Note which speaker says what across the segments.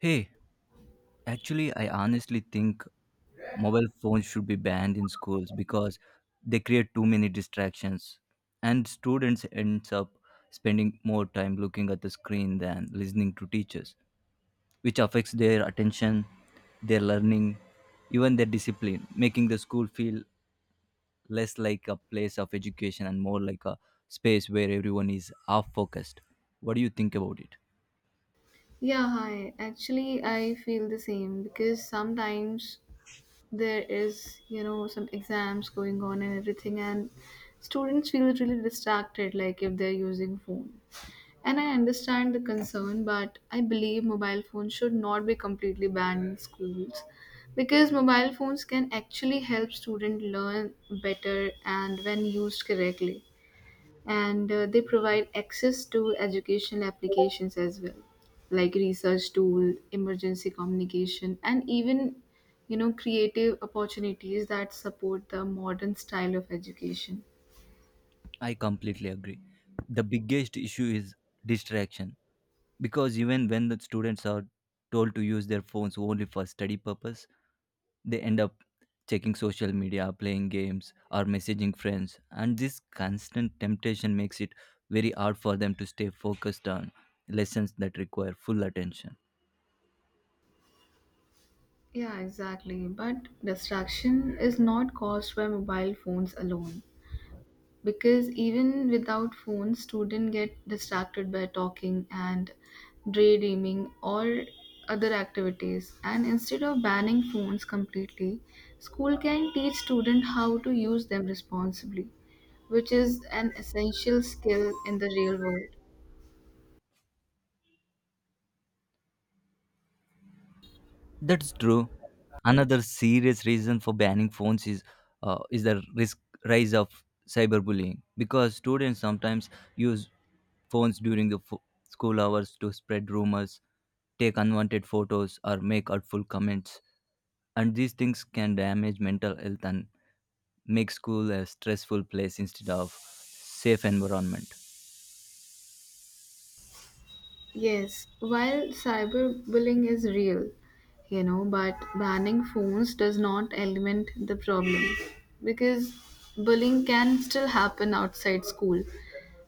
Speaker 1: Hey, actually, I honestly think mobile phones should be banned in schools because they create too many distractions, and students ends up spending more time looking at the screen than listening to teachers, which affects their attention, their learning, even their discipline, making the school feel less like a place of education and more like a space where everyone is half focused. What do you think about it?
Speaker 2: Yeah, hi. Actually, I feel the same because sometimes there is, some exams going on and everything, and students feel really distracted, like if they're using phone. And I understand the concern, but I believe mobile phones should not be completely banned in schools because mobile phones can actually help students learn better and when used correctly and they provide access to educational applications as well, like research tool, emergency communication, and even creative opportunities that support the modern style of education.
Speaker 1: I completely agree. The biggest issue is distraction because even when the students are told to use their phones only for study purpose, they end up checking social media, playing games, or messaging friends. And this constant temptation makes it very hard for them to stay focused on lessons that require full attention.
Speaker 2: Yeah, exactly, but distraction is not caused by mobile phones alone, because even without phones students get distracted by talking and daydreaming or other activities. And instead of banning phones completely, school can teach students how to use them responsibly, which is an essential skill in the real world.
Speaker 1: That's true. Another serious reason for banning phones is is the risk rise of cyberbullying because students sometimes use phones during the school hours to spread rumors, take unwanted photos, or make hurtful comments. And these things can damage mental health and make school a stressful place instead of safe environment.
Speaker 2: Yes, while cyberbullying is real, but banning phones does not eliminate the problem because bullying can still happen outside school.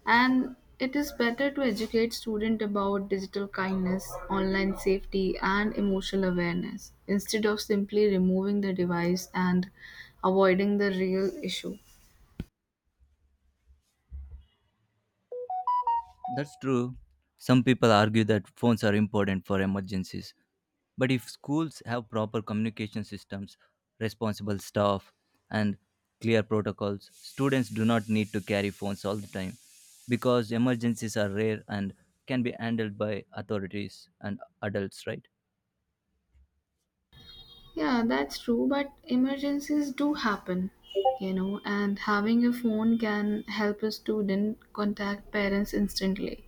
Speaker 2: And it is better to educate students about digital kindness, online safety, and emotional awareness instead of simply removing the device and avoiding the real issue.
Speaker 1: That's true. Some people argue that phones are important for emergencies, but if schools have proper communication systems, responsible staff, and clear protocols, students do not need to carry phones all the time because emergencies are rare and can be handled by authorities and adults, right?
Speaker 2: Yeah, that's true, but emergencies do happen, and having a phone can help a student contact parents instantly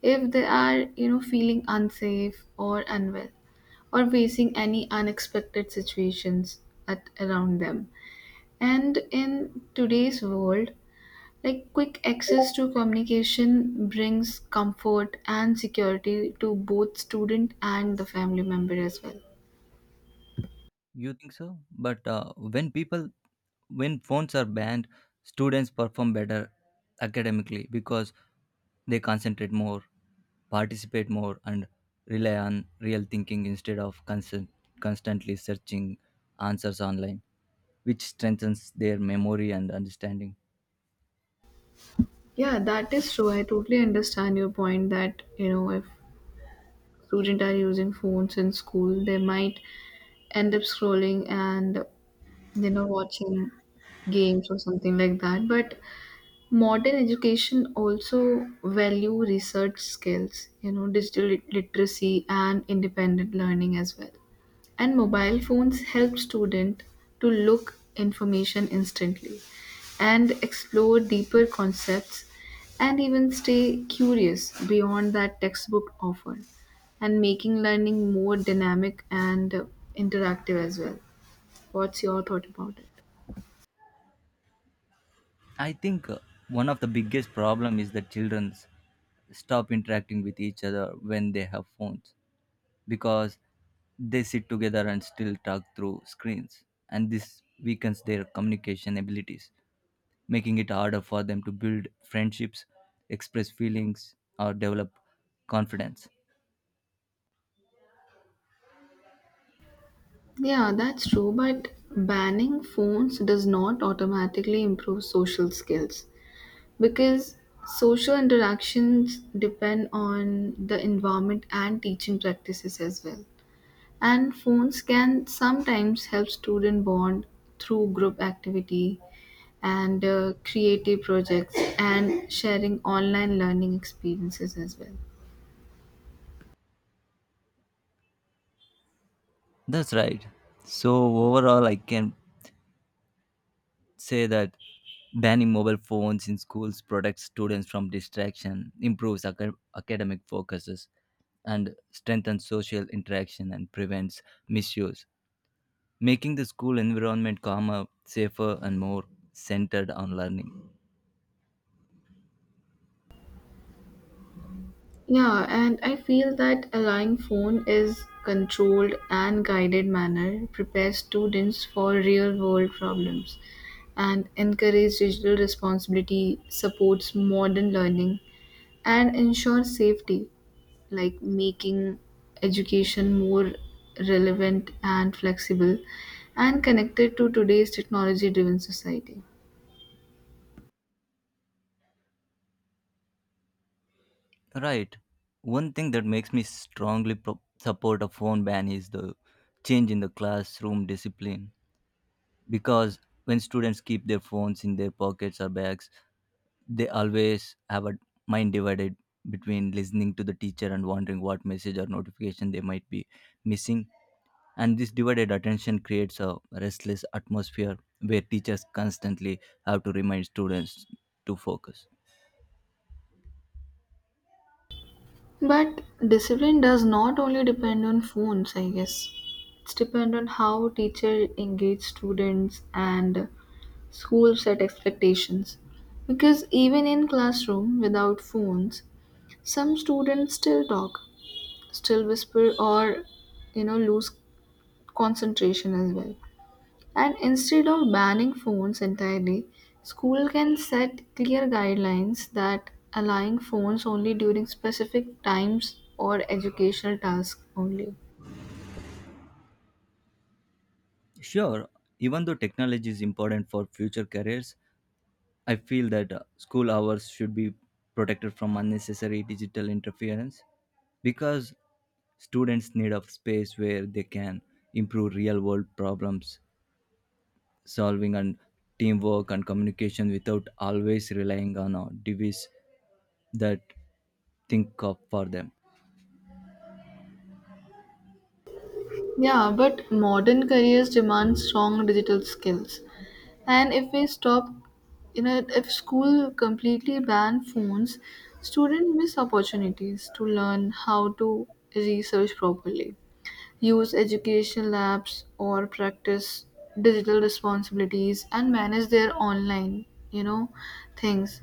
Speaker 2: if they are, feeling unsafe or unwell or facing any unexpected situations at around them. And in today's world, like quick access to communication brings comfort and security to both student and the family member as well.
Speaker 1: You think so? But when phones are banned, students perform better academically because they concentrate more, participate more, and rely on real thinking instead of constantly searching answers online, which strengthens their memory and understanding.
Speaker 2: Yeah, that is true. I totally understand your point that, if students are using phones in school, they might end up scrolling and, watching games or something like that. But modern education also value research skills, digital literacy and independent learning as well. And mobile phones help student to look information instantly and explore deeper concepts and even stay curious beyond that textbook offer, and making learning more dynamic and interactive as well. What's your thought about it?
Speaker 1: I think one of the biggest problem is that children stop interacting with each other when they have phones because they sit together and still talk through screens, and this weakens their communication abilities, making it harder for them to build friendships, express feelings, or develop confidence.
Speaker 2: Yeah, that's true, but banning phones does not automatically improve social skills because social interactions depend on the environment and teaching practices as well. And phones can sometimes help student bond through group activity and creative projects and sharing online learning experiences as well.
Speaker 1: That's right. So overall, I can say that banning mobile phones in schools protects students from distraction, improves academic focuses, and strengthens social interaction and prevents misuse, making the school environment calmer, safer, and more centered on learning.
Speaker 2: Yeah, and I feel that allowing phone is controlled and guided manner prepares students for real world problems and encourage digital responsibility, supports modern learning and ensures safety, like making education more relevant and flexible and connected to today's technology driven society.
Speaker 1: Right. One thing that makes me strongly support a phone ban is the change in the classroom discipline, because when students keep their phones in their pockets or bags, they always have a mind divided between listening to the teacher and wondering what message or notification they might be missing, and this divided attention creates a restless atmosphere where teachers constantly have to remind students to focus.
Speaker 2: But discipline does not only depend on phones, I guess. It's depend on how teacher engage students and school set expectations. Because even in classroom without phones, some students still talk, still whisper or lose concentration as well. And instead of banning phones entirely, school can set clear guidelines that allowing phones only during specific times or educational tasks only.
Speaker 1: Sure. Even though technology is important for future careers, I feel that school hours should be protected from unnecessary digital interference, because students need a space where they can improve real world problems solving and teamwork and communication without always relying on a device that think of for them.
Speaker 2: Yeah, but modern careers demand strong digital skills. And if we stop, if school completely ban phones, students miss opportunities to learn how to research properly, use educational apps or practice digital responsibilities and manage their online things,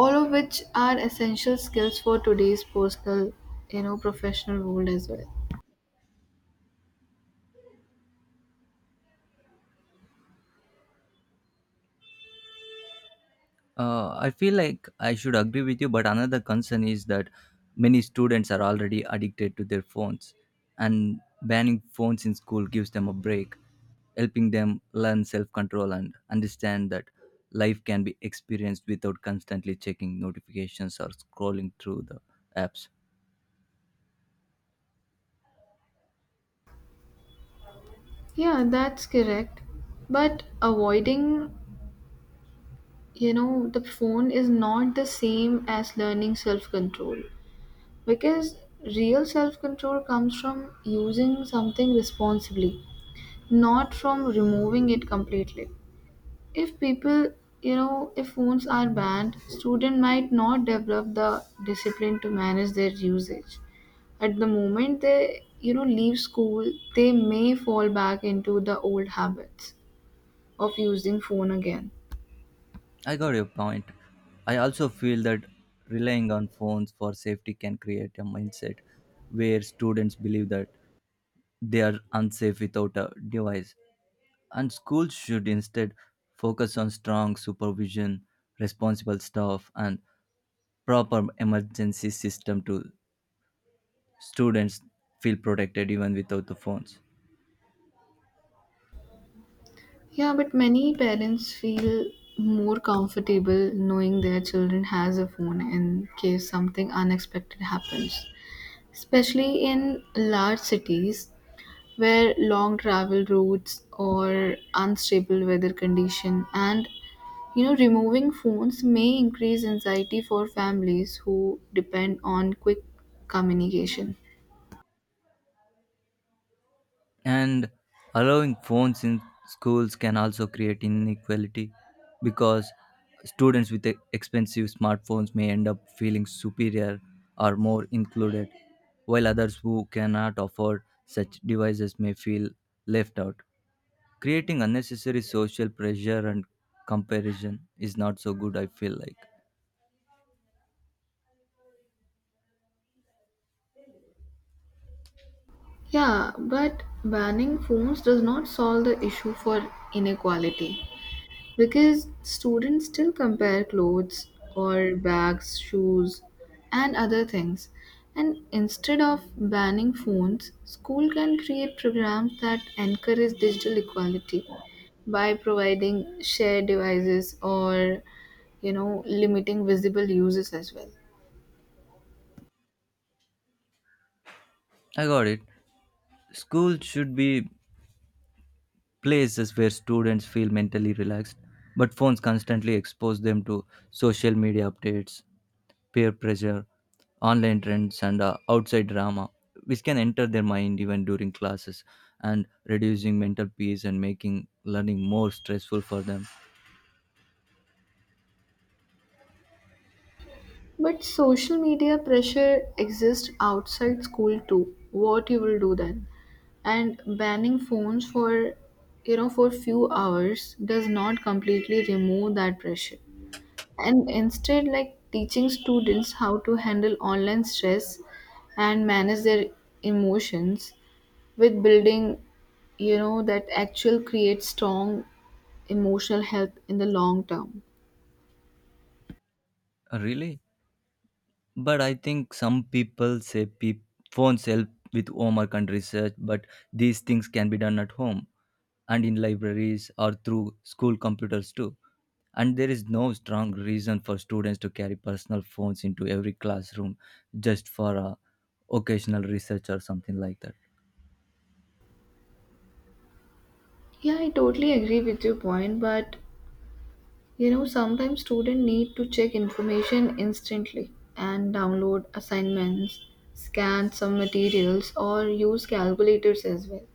Speaker 2: all of which are essential skills for today's personal professional world as well.
Speaker 1: I feel like I should agree with you, but another concern is that many students are already addicted to their phones, and banning phones in school gives them a break, helping them learn self control and understand that life can be experienced without constantly checking notifications or scrolling through the apps.
Speaker 2: Yeah, that's correct, but avoiding the phone is not the same as learning self control because real self control comes from using something responsibly, not from removing it completely. If people, if phones are banned, student might not develop the discipline to manage their usage. At the moment they, leave school, they may fall back into the old habits of using phone again.
Speaker 1: I got your point. I also feel that relying on phones for safety can create a mindset where students believe that they are unsafe without a device. And schools should instead focus on strong supervision, responsible staff, and proper emergency system to students feel protected even without the phones.
Speaker 2: Yeah, but many parents feel more comfortable knowing their children has a phone in case something unexpected happens. Especially in large cities, where long travel routes or unstable weather condition and removing phones may increase anxiety for families who depend on quick communication.
Speaker 1: And allowing phones in schools can also create inequality because students with expensive smartphones may end up feeling superior or more included, while others who cannot afford such devices may feel left out. Creating unnecessary social pressure and comparison is not so good, I feel like.
Speaker 2: Yeah, but banning phones does not solve the issue for inequality because students still compare clothes or bags, shoes, and other things. And instead of banning phones, school can create programs that encourage digital equality by providing shared devices or limiting visible uses as well.
Speaker 1: I got it. Schools should be places where students feel mentally relaxed, but phones constantly expose them to social media updates, peer pressure, online trends, and outside drama, which can enter their mind even during classes and reducing mental peace and making learning more stressful for them.
Speaker 2: But social media pressure exists outside school too. What you will do then? And banning phones for for few hours does not completely remove that pressure. And instead like teaching students how to handle online stress and manage their emotions with building that actual creates strong emotional health in the long term.
Speaker 1: Really? But I think some people say peop phones help with homework and research, but these things can be done at home and in libraries or through school computers too. And there is no strong reason for students to carry personal phones into every classroom just for a occasional research or something like that.
Speaker 2: Yeah, I totally agree with your point, but you know, sometimes students need to check information instantly and download assignments, scan some materials, or use calculators as well.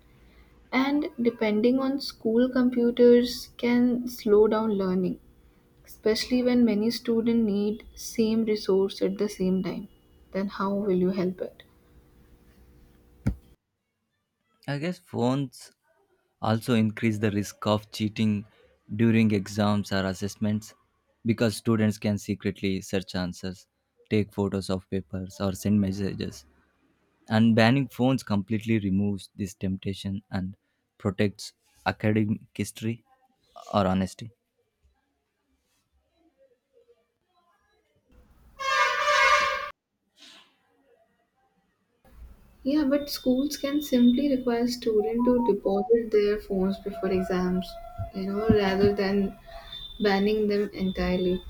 Speaker 2: And depending on school computers can slow down learning, especially when many students need same resource at the same time. Then how will you help it?
Speaker 1: I guess phones also increase the risk of cheating during exams or assessments because students can secretly search answers, take photos of papers, or send messages. And banning phones completely removes this temptation and protects academic history or honesty.
Speaker 2: Yeah, but schools can simply require students to deposit their phones before exams, rather than banning them entirely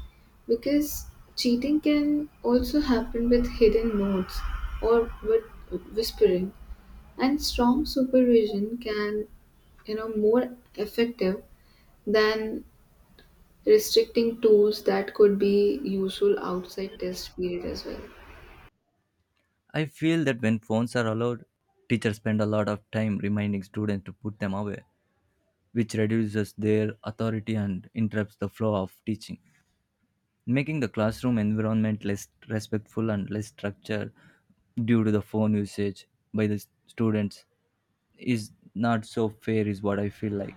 Speaker 2: because cheating can also happen with hidden notes or with whispering, and strong supervision can more effective than restricting tools that could be useful outside test period as well.
Speaker 1: I feel that when phones are allowed, teachers spend a lot of time reminding students to put them away, which reduces their authority and interrupts the flow of teaching, making the classroom environment less respectful and less structured due to the phone usage by the students is not so fair is what I feel like.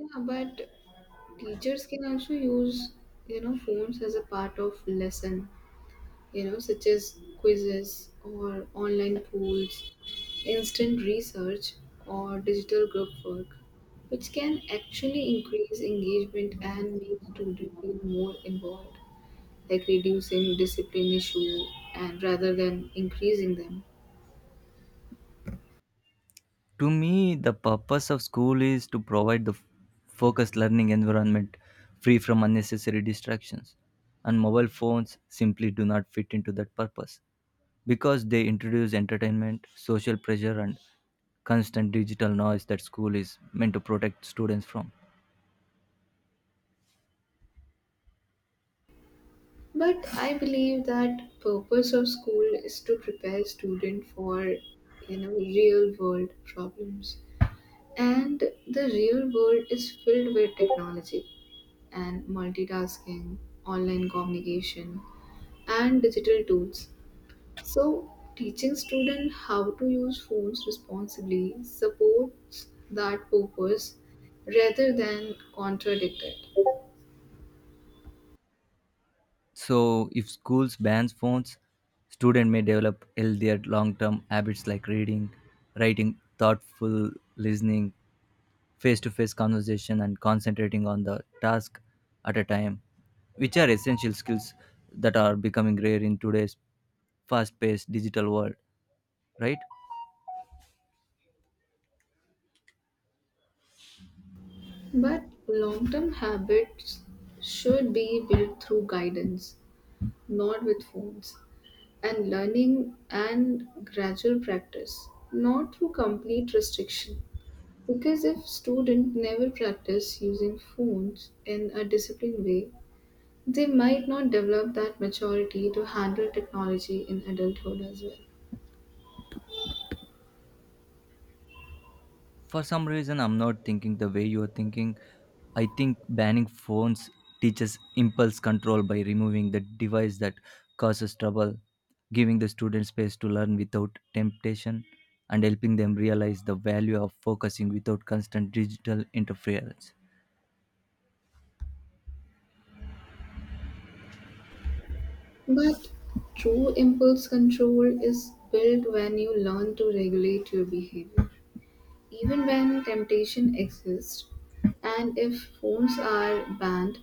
Speaker 2: Yeah, but teachers can also use phones as a part of lesson, such as quizzes or online polls, instant research, or digital group work, which can actually increase engagement and make students feel more involved, like reducing discipline issue and rather than increasing them.
Speaker 1: To me the purpose of school is to provide the focused learning environment free from unnecessary distractions, and mobile phones simply do not fit into that purpose because they introduce entertainment, social pressure, and constant digital noise that school is meant to protect students from.
Speaker 2: But I believe that purpose of school is to prepare student for real world problems, and the real world is filled with technology and multitasking, online communication, and digital tools. So, teaching students how to use phones responsibly supports that purpose rather than contradict it.
Speaker 1: So, if schools ban phones, students may develop healthier long-term habits like reading, writing, thoughtful listening, face-to-face conversation, and concentrating on the task at a time, which are essential skills that are becoming rare in today's fast-paced digital world. Right?
Speaker 2: But long term habits should be built through guidance, not with phones, and learning and gradual practice, not through complete restriction. Because if students never practice using phones in a disciplined way, they might not develop that maturity to handle technology in adulthood as well.
Speaker 1: For some reason I'm not thinking the way you're thinking. I think banning phones teaches impulse control by removing the device that causes trouble, giving the students space to learn without temptation and helping them realize the value of focusing without constant digital interference.
Speaker 2: But true impulse control is built when you learn to regulate your behavior. Even when temptation exists, and if phones are banned,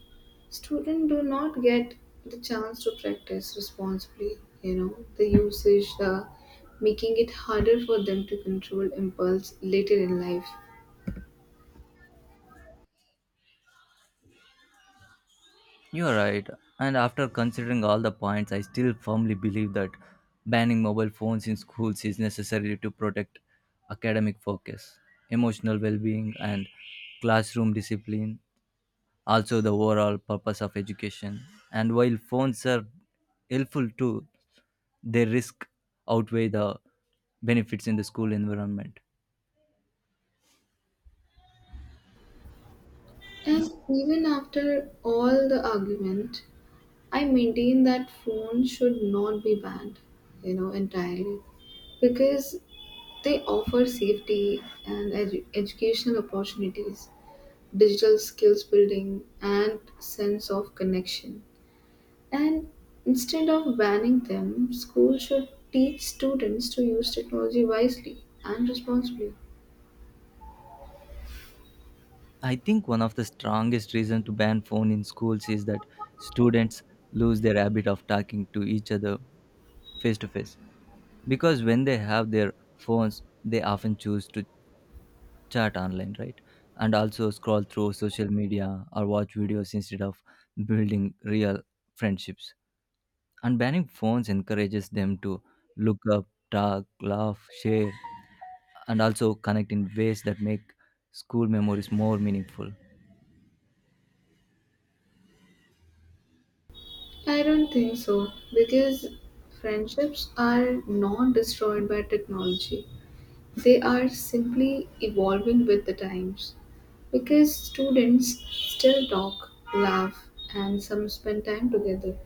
Speaker 2: students do not get the chance to practice responsibly. You know, the usage, the making it harder for them to control impulse later in life.
Speaker 1: You are right. And after considering all the points, I still firmly believe that banning mobile phones in schools is necessary to protect academic focus, emotional well being, and classroom discipline, also, the overall purpose of education. And while phones are helpful too, their risk outweigh the benefits in the school environment.
Speaker 2: And even after all the argument, I maintain that phones should not be banned, entirely because they offer safety and educational opportunities, digital skills building, and sense of connection. And instead of banning them, schools should teach students to use technology wisely and responsibly.
Speaker 1: I think one of the strongest reasons to ban phone in schools is that students lose their habit of talking to each other face to face, because when they have their phones they often choose to chat online, right, and also scroll through social media or watch videos instead of building real friendships. And banning phones encourages them to look up, talk, laugh, share, and also connect in ways that make school memories more meaningful.
Speaker 2: I don't think so because friendships are not destroyed by technology. They are simply evolving with the times because students still talk, laugh, and some spend time together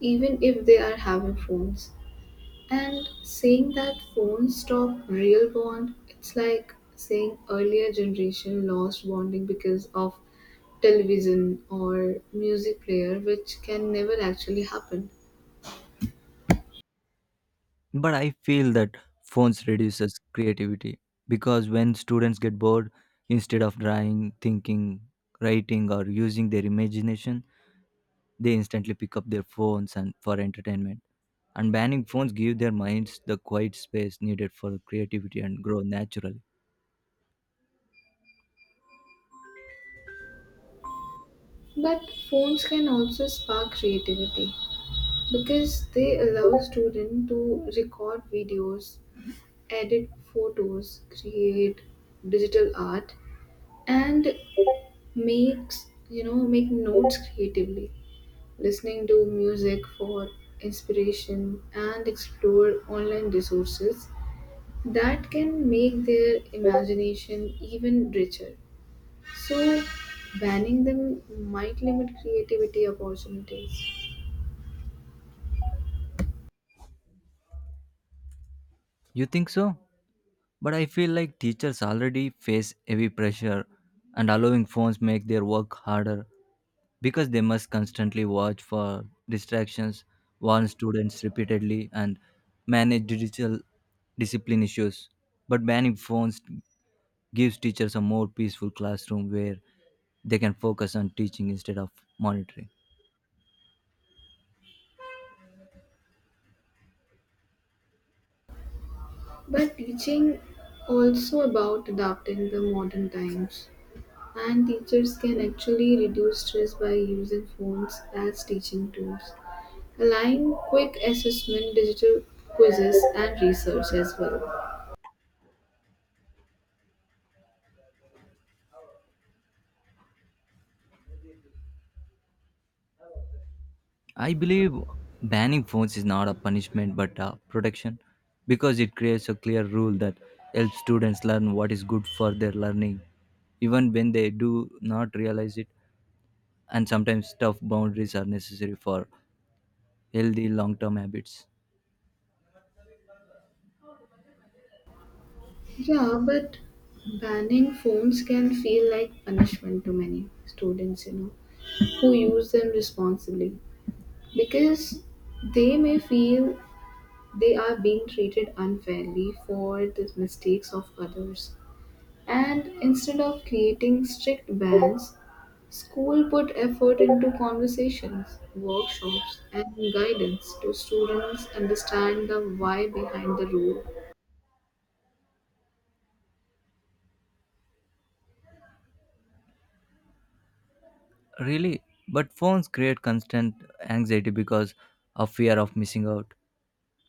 Speaker 2: even if they are having phones. And saying that phones stop real bond, it's like saying earlier generation lost bonding because of television or music player, which can never actually happen.
Speaker 1: But I feel that phones reduces creativity because when students get bored, instead of drawing, thinking, writing, or using their imagination, they instantly pick up their phones and for entertainment. And banning phones give their minds the quiet space needed for creativity and grow naturally.
Speaker 2: But phones can also spark creativity because they allow students to record videos, edit photos, create digital art, and makes make notes creatively, listening to music for inspiration and explore online resources that can make their imagination even richer. So banning them might limit creativity opportunities.
Speaker 1: You think so? But I feel like teachers already face heavy pressure, and allowing phones make their work harder because they must constantly watch for distractions, warn students repeatedly, and manage digital discipline issues. But banning phones gives teachers a more peaceful classroom where they can focus on teaching instead of monitoring.
Speaker 2: But teaching also about adapting the modern times, and teachers can actually reduce stress by using phones as teaching tools, allowing quick assessment, digital quizzes, and research as well.
Speaker 1: I believe banning phones is not a punishment but a protection because it creates a clear rule that helps students learn what is good for their learning even when they do not realize it. And sometimes tough boundaries are necessary for healthy long-term habits.
Speaker 2: Yeah, but banning phones can feel like punishment to many students, who use them responsibly because they may feel they are being treated unfairly for the mistakes of others. And instead of creating strict bans, school put effort into conversations, workshops, and guidance to students understand the why behind the rule.
Speaker 1: Really? But phones create constant anxiety because of fear of missing out,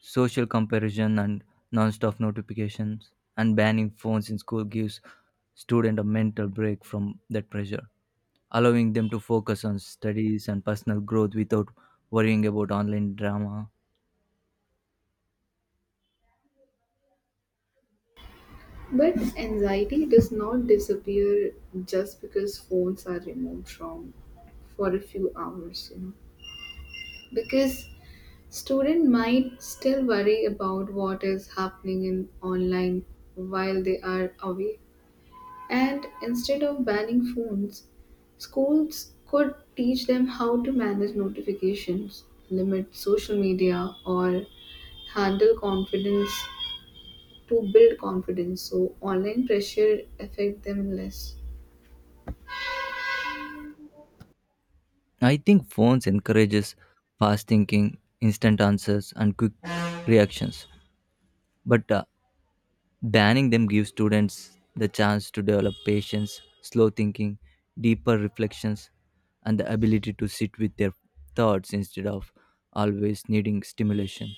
Speaker 1: social comparison, and non-stop notifications. And banning phones in school gives student a mental break from that pressure, allowing them to focus on studies and personal growth without worrying about online drama.
Speaker 2: But anxiety does not disappear just because phones are removed from for a few hours, Because student might still worry about what is happening in online while they are away. And instead of banning phones, schools could teach them how to manage notifications, limit social media, or handle confidence to build confidence so online pressure affect them less.
Speaker 1: I think phones encourages fast thinking, instant answers, and quick reactions, but banning them gives students the chance to develop patience, slow thinking, deeper reflections, and the ability to sit with their thoughts instead of always needing stimulation.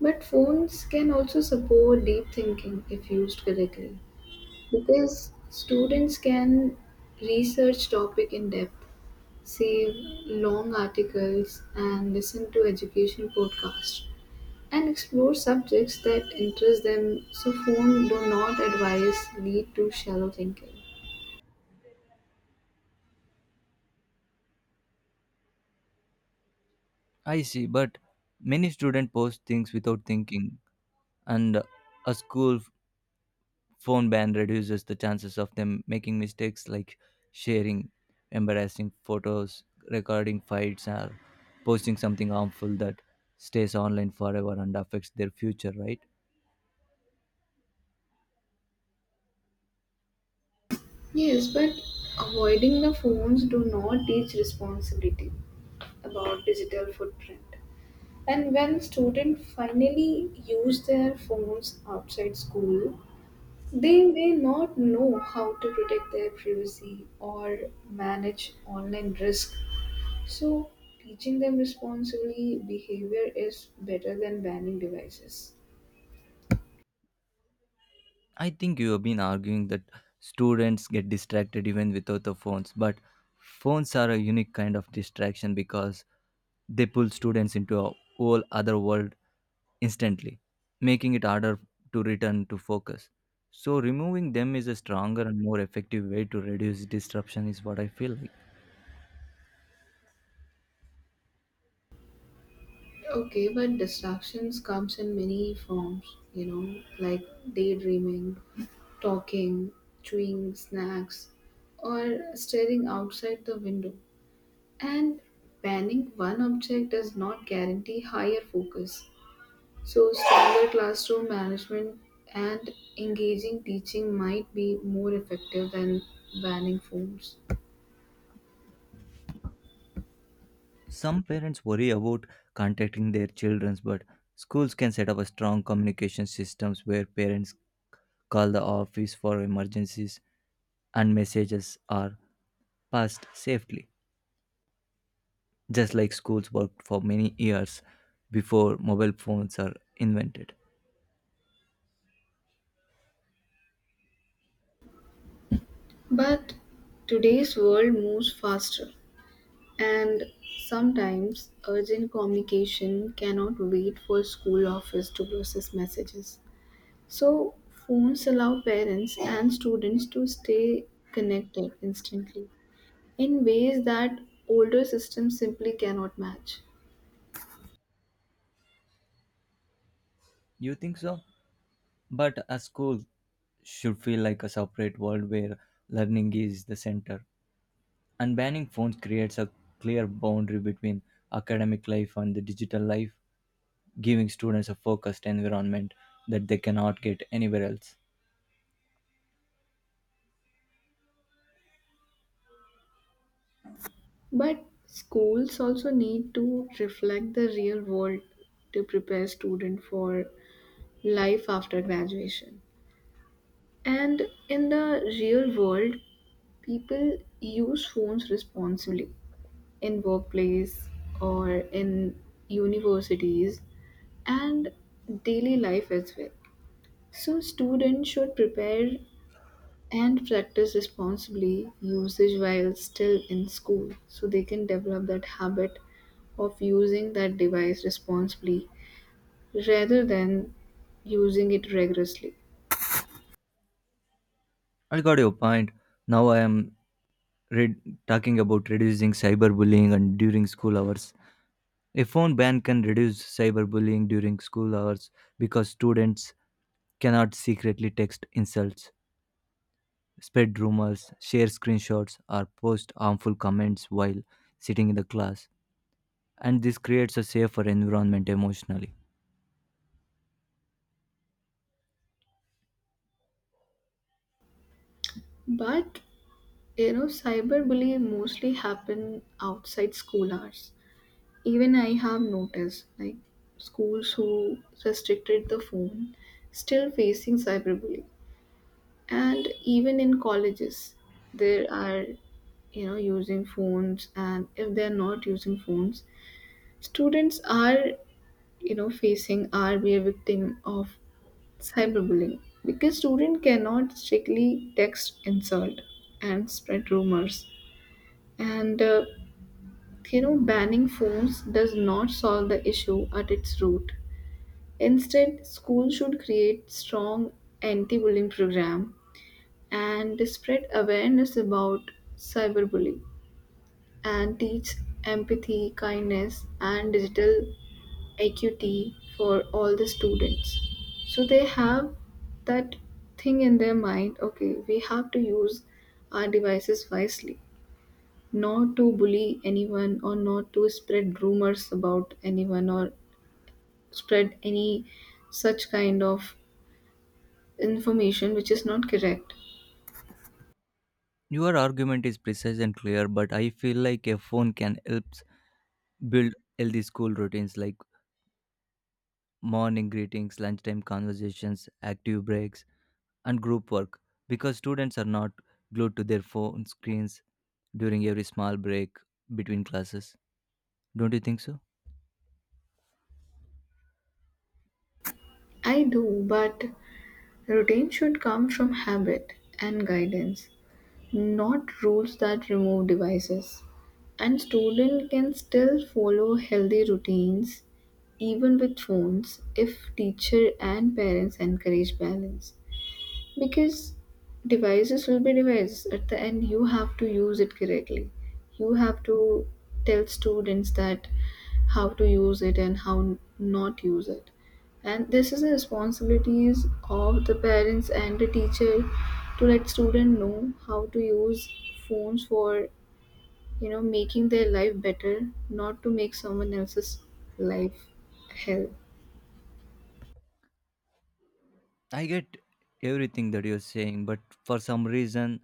Speaker 2: But phones can also support deep thinking if used correctly, because students can research topic in depth, save long articles and listen to education podcasts and explore subjects that interest them, so phone do not advise lead to shallow thinking.
Speaker 1: I see, but many students post things without thinking, and a school phone ban reduces the chances of them making mistakes like sharing embarrassing photos, recording fights, or posting something harmful that stays online forever and affects their future, right?
Speaker 2: Yes, but avoiding the phones do not teach responsibility about digital footprint, and when students finally use their phones outside school, they may not know how to protect their privacy or manage online risk. So, teaching them responsible behavior is better than banning devices.
Speaker 1: I think you have been arguing that students get distracted even without the phones, but phones are a unique kind of distraction because they pull students into a whole other world instantly, making it harder to return to focus. So, removing them is a stronger and more effective way to reduce disruption, is what I feel like.
Speaker 2: Okay, but distractions comes in many forms, like daydreaming, talking, chewing snacks, or staring outside the window. And banning one object does not guarantee higher focus. So, stronger classroom management and engaging teaching might be more effective than banning phones.
Speaker 1: Some parents worry about contacting their children, but schools can set up a strong communication systems where parents call the office for emergencies, and messages are passed safely, just like schools worked for many years before mobile phones are invented.
Speaker 2: But today's world moves faster, and sometimes urgent communication cannot wait for school office to process messages. So, phones allow parents and students to stay connected instantly in ways that older systems simply cannot match.
Speaker 1: You think so? But a school should feel like a separate world where learning is the center. And banning phones creates a clear boundary between academic life and the digital life, giving students a focused environment that they cannot get anywhere else.
Speaker 2: But schools also need to reflect the real world to prepare students for life after graduation. And in the real world, people use phones responsibly in workplace or in universities and daily life as well. So students should prepare and practice responsibly usage while still in school so they can develop that habit of using that device responsibly rather than using it rigorously.
Speaker 1: I got your point. Now I am Read, talking about reducing cyberbullying and during school hours. A phone ban can reduce cyberbullying during school hours because students cannot secretly text insults, spread rumors, share screenshots, or post harmful comments while sitting in the class, and this creates a safer environment emotionally.
Speaker 2: But cyberbullying mostly happen outside school hours. Even I have noticed, like schools who restricted the phone still facing cyberbullying, and even in colleges there are using phones. And if they're not using phones, students are facing, are be a victim of cyberbullying because student cannot strictly text insult and spread rumors and banning phones does not solve the issue at its root. Instead school should create strong anti-bullying program and spread awareness about cyberbullying and teach empathy, kindness, and digital equity for all the students. So they have that thing in their mind, okay, we have to use our devices wisely, not to bully anyone or not to spread rumors about anyone or spread any such kind of information which is not correct.
Speaker 1: Your argument is precise and clear, but I feel like a phone can help build healthy school routines like morning greetings, lunchtime conversations, active breaks, and group work because students are not glued to their phone screens during every small break between classes. Don't you think so?
Speaker 2: I do, but routine should come from habit and guidance, not rules that remove devices. And students can still follow healthy routines even with phones if teacher and parents encourage balance. Because devices will be devices. At the end, you have to use it correctly. You have to tell students that how to use it and how not use it. And this is the responsibilities of the parents and the teacher to let student know how to use phones for making their life better, not to make someone else's life hell.
Speaker 1: I get everything that you're saying, but for some reason,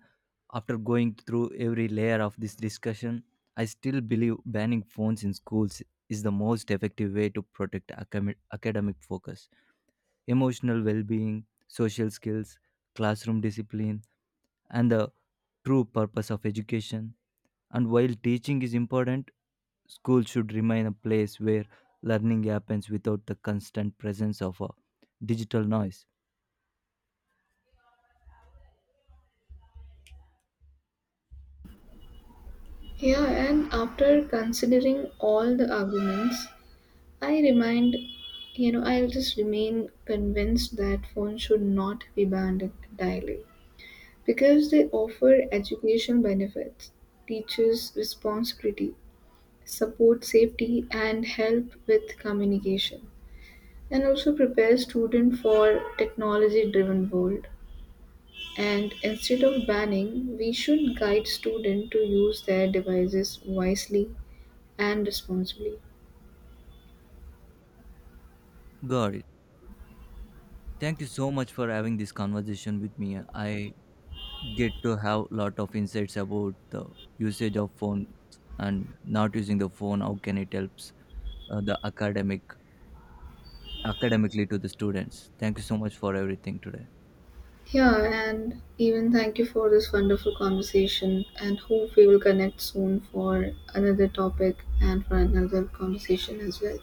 Speaker 1: after going through every layer of this discussion, I still believe banning phones in schools is the most effective way to protect academic focus, emotional well being, social skills, classroom discipline, and the true purpose of education. And while teaching is important, school should remain a place where learning happens without the constant presence of a digital noise.
Speaker 2: Yeah, and after considering all the arguments, I remind, I'll just remain convinced that phones should not be banned entirely because they offer educational benefits, teaches responsibility, support safety, and help with communication, and also prepare students for technology-driven world. And instead of banning, we should guide students to use their devices wisely and responsibly.
Speaker 1: Got it. Thank you so much for having this conversation with me. I get to have lot of insights about the usage of phones and not using the phone. How can it helps the academically to the students? Thank you so much for everything today.
Speaker 2: Yeah, and even thank you for this wonderful conversation and hope we will connect soon for another topic and for another conversation as well.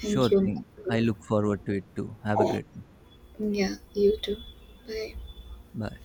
Speaker 2: Thank you.
Speaker 1: thing. I look forward to it too. Have a great one.
Speaker 2: Yeah, you too. Bye.
Speaker 1: Bye.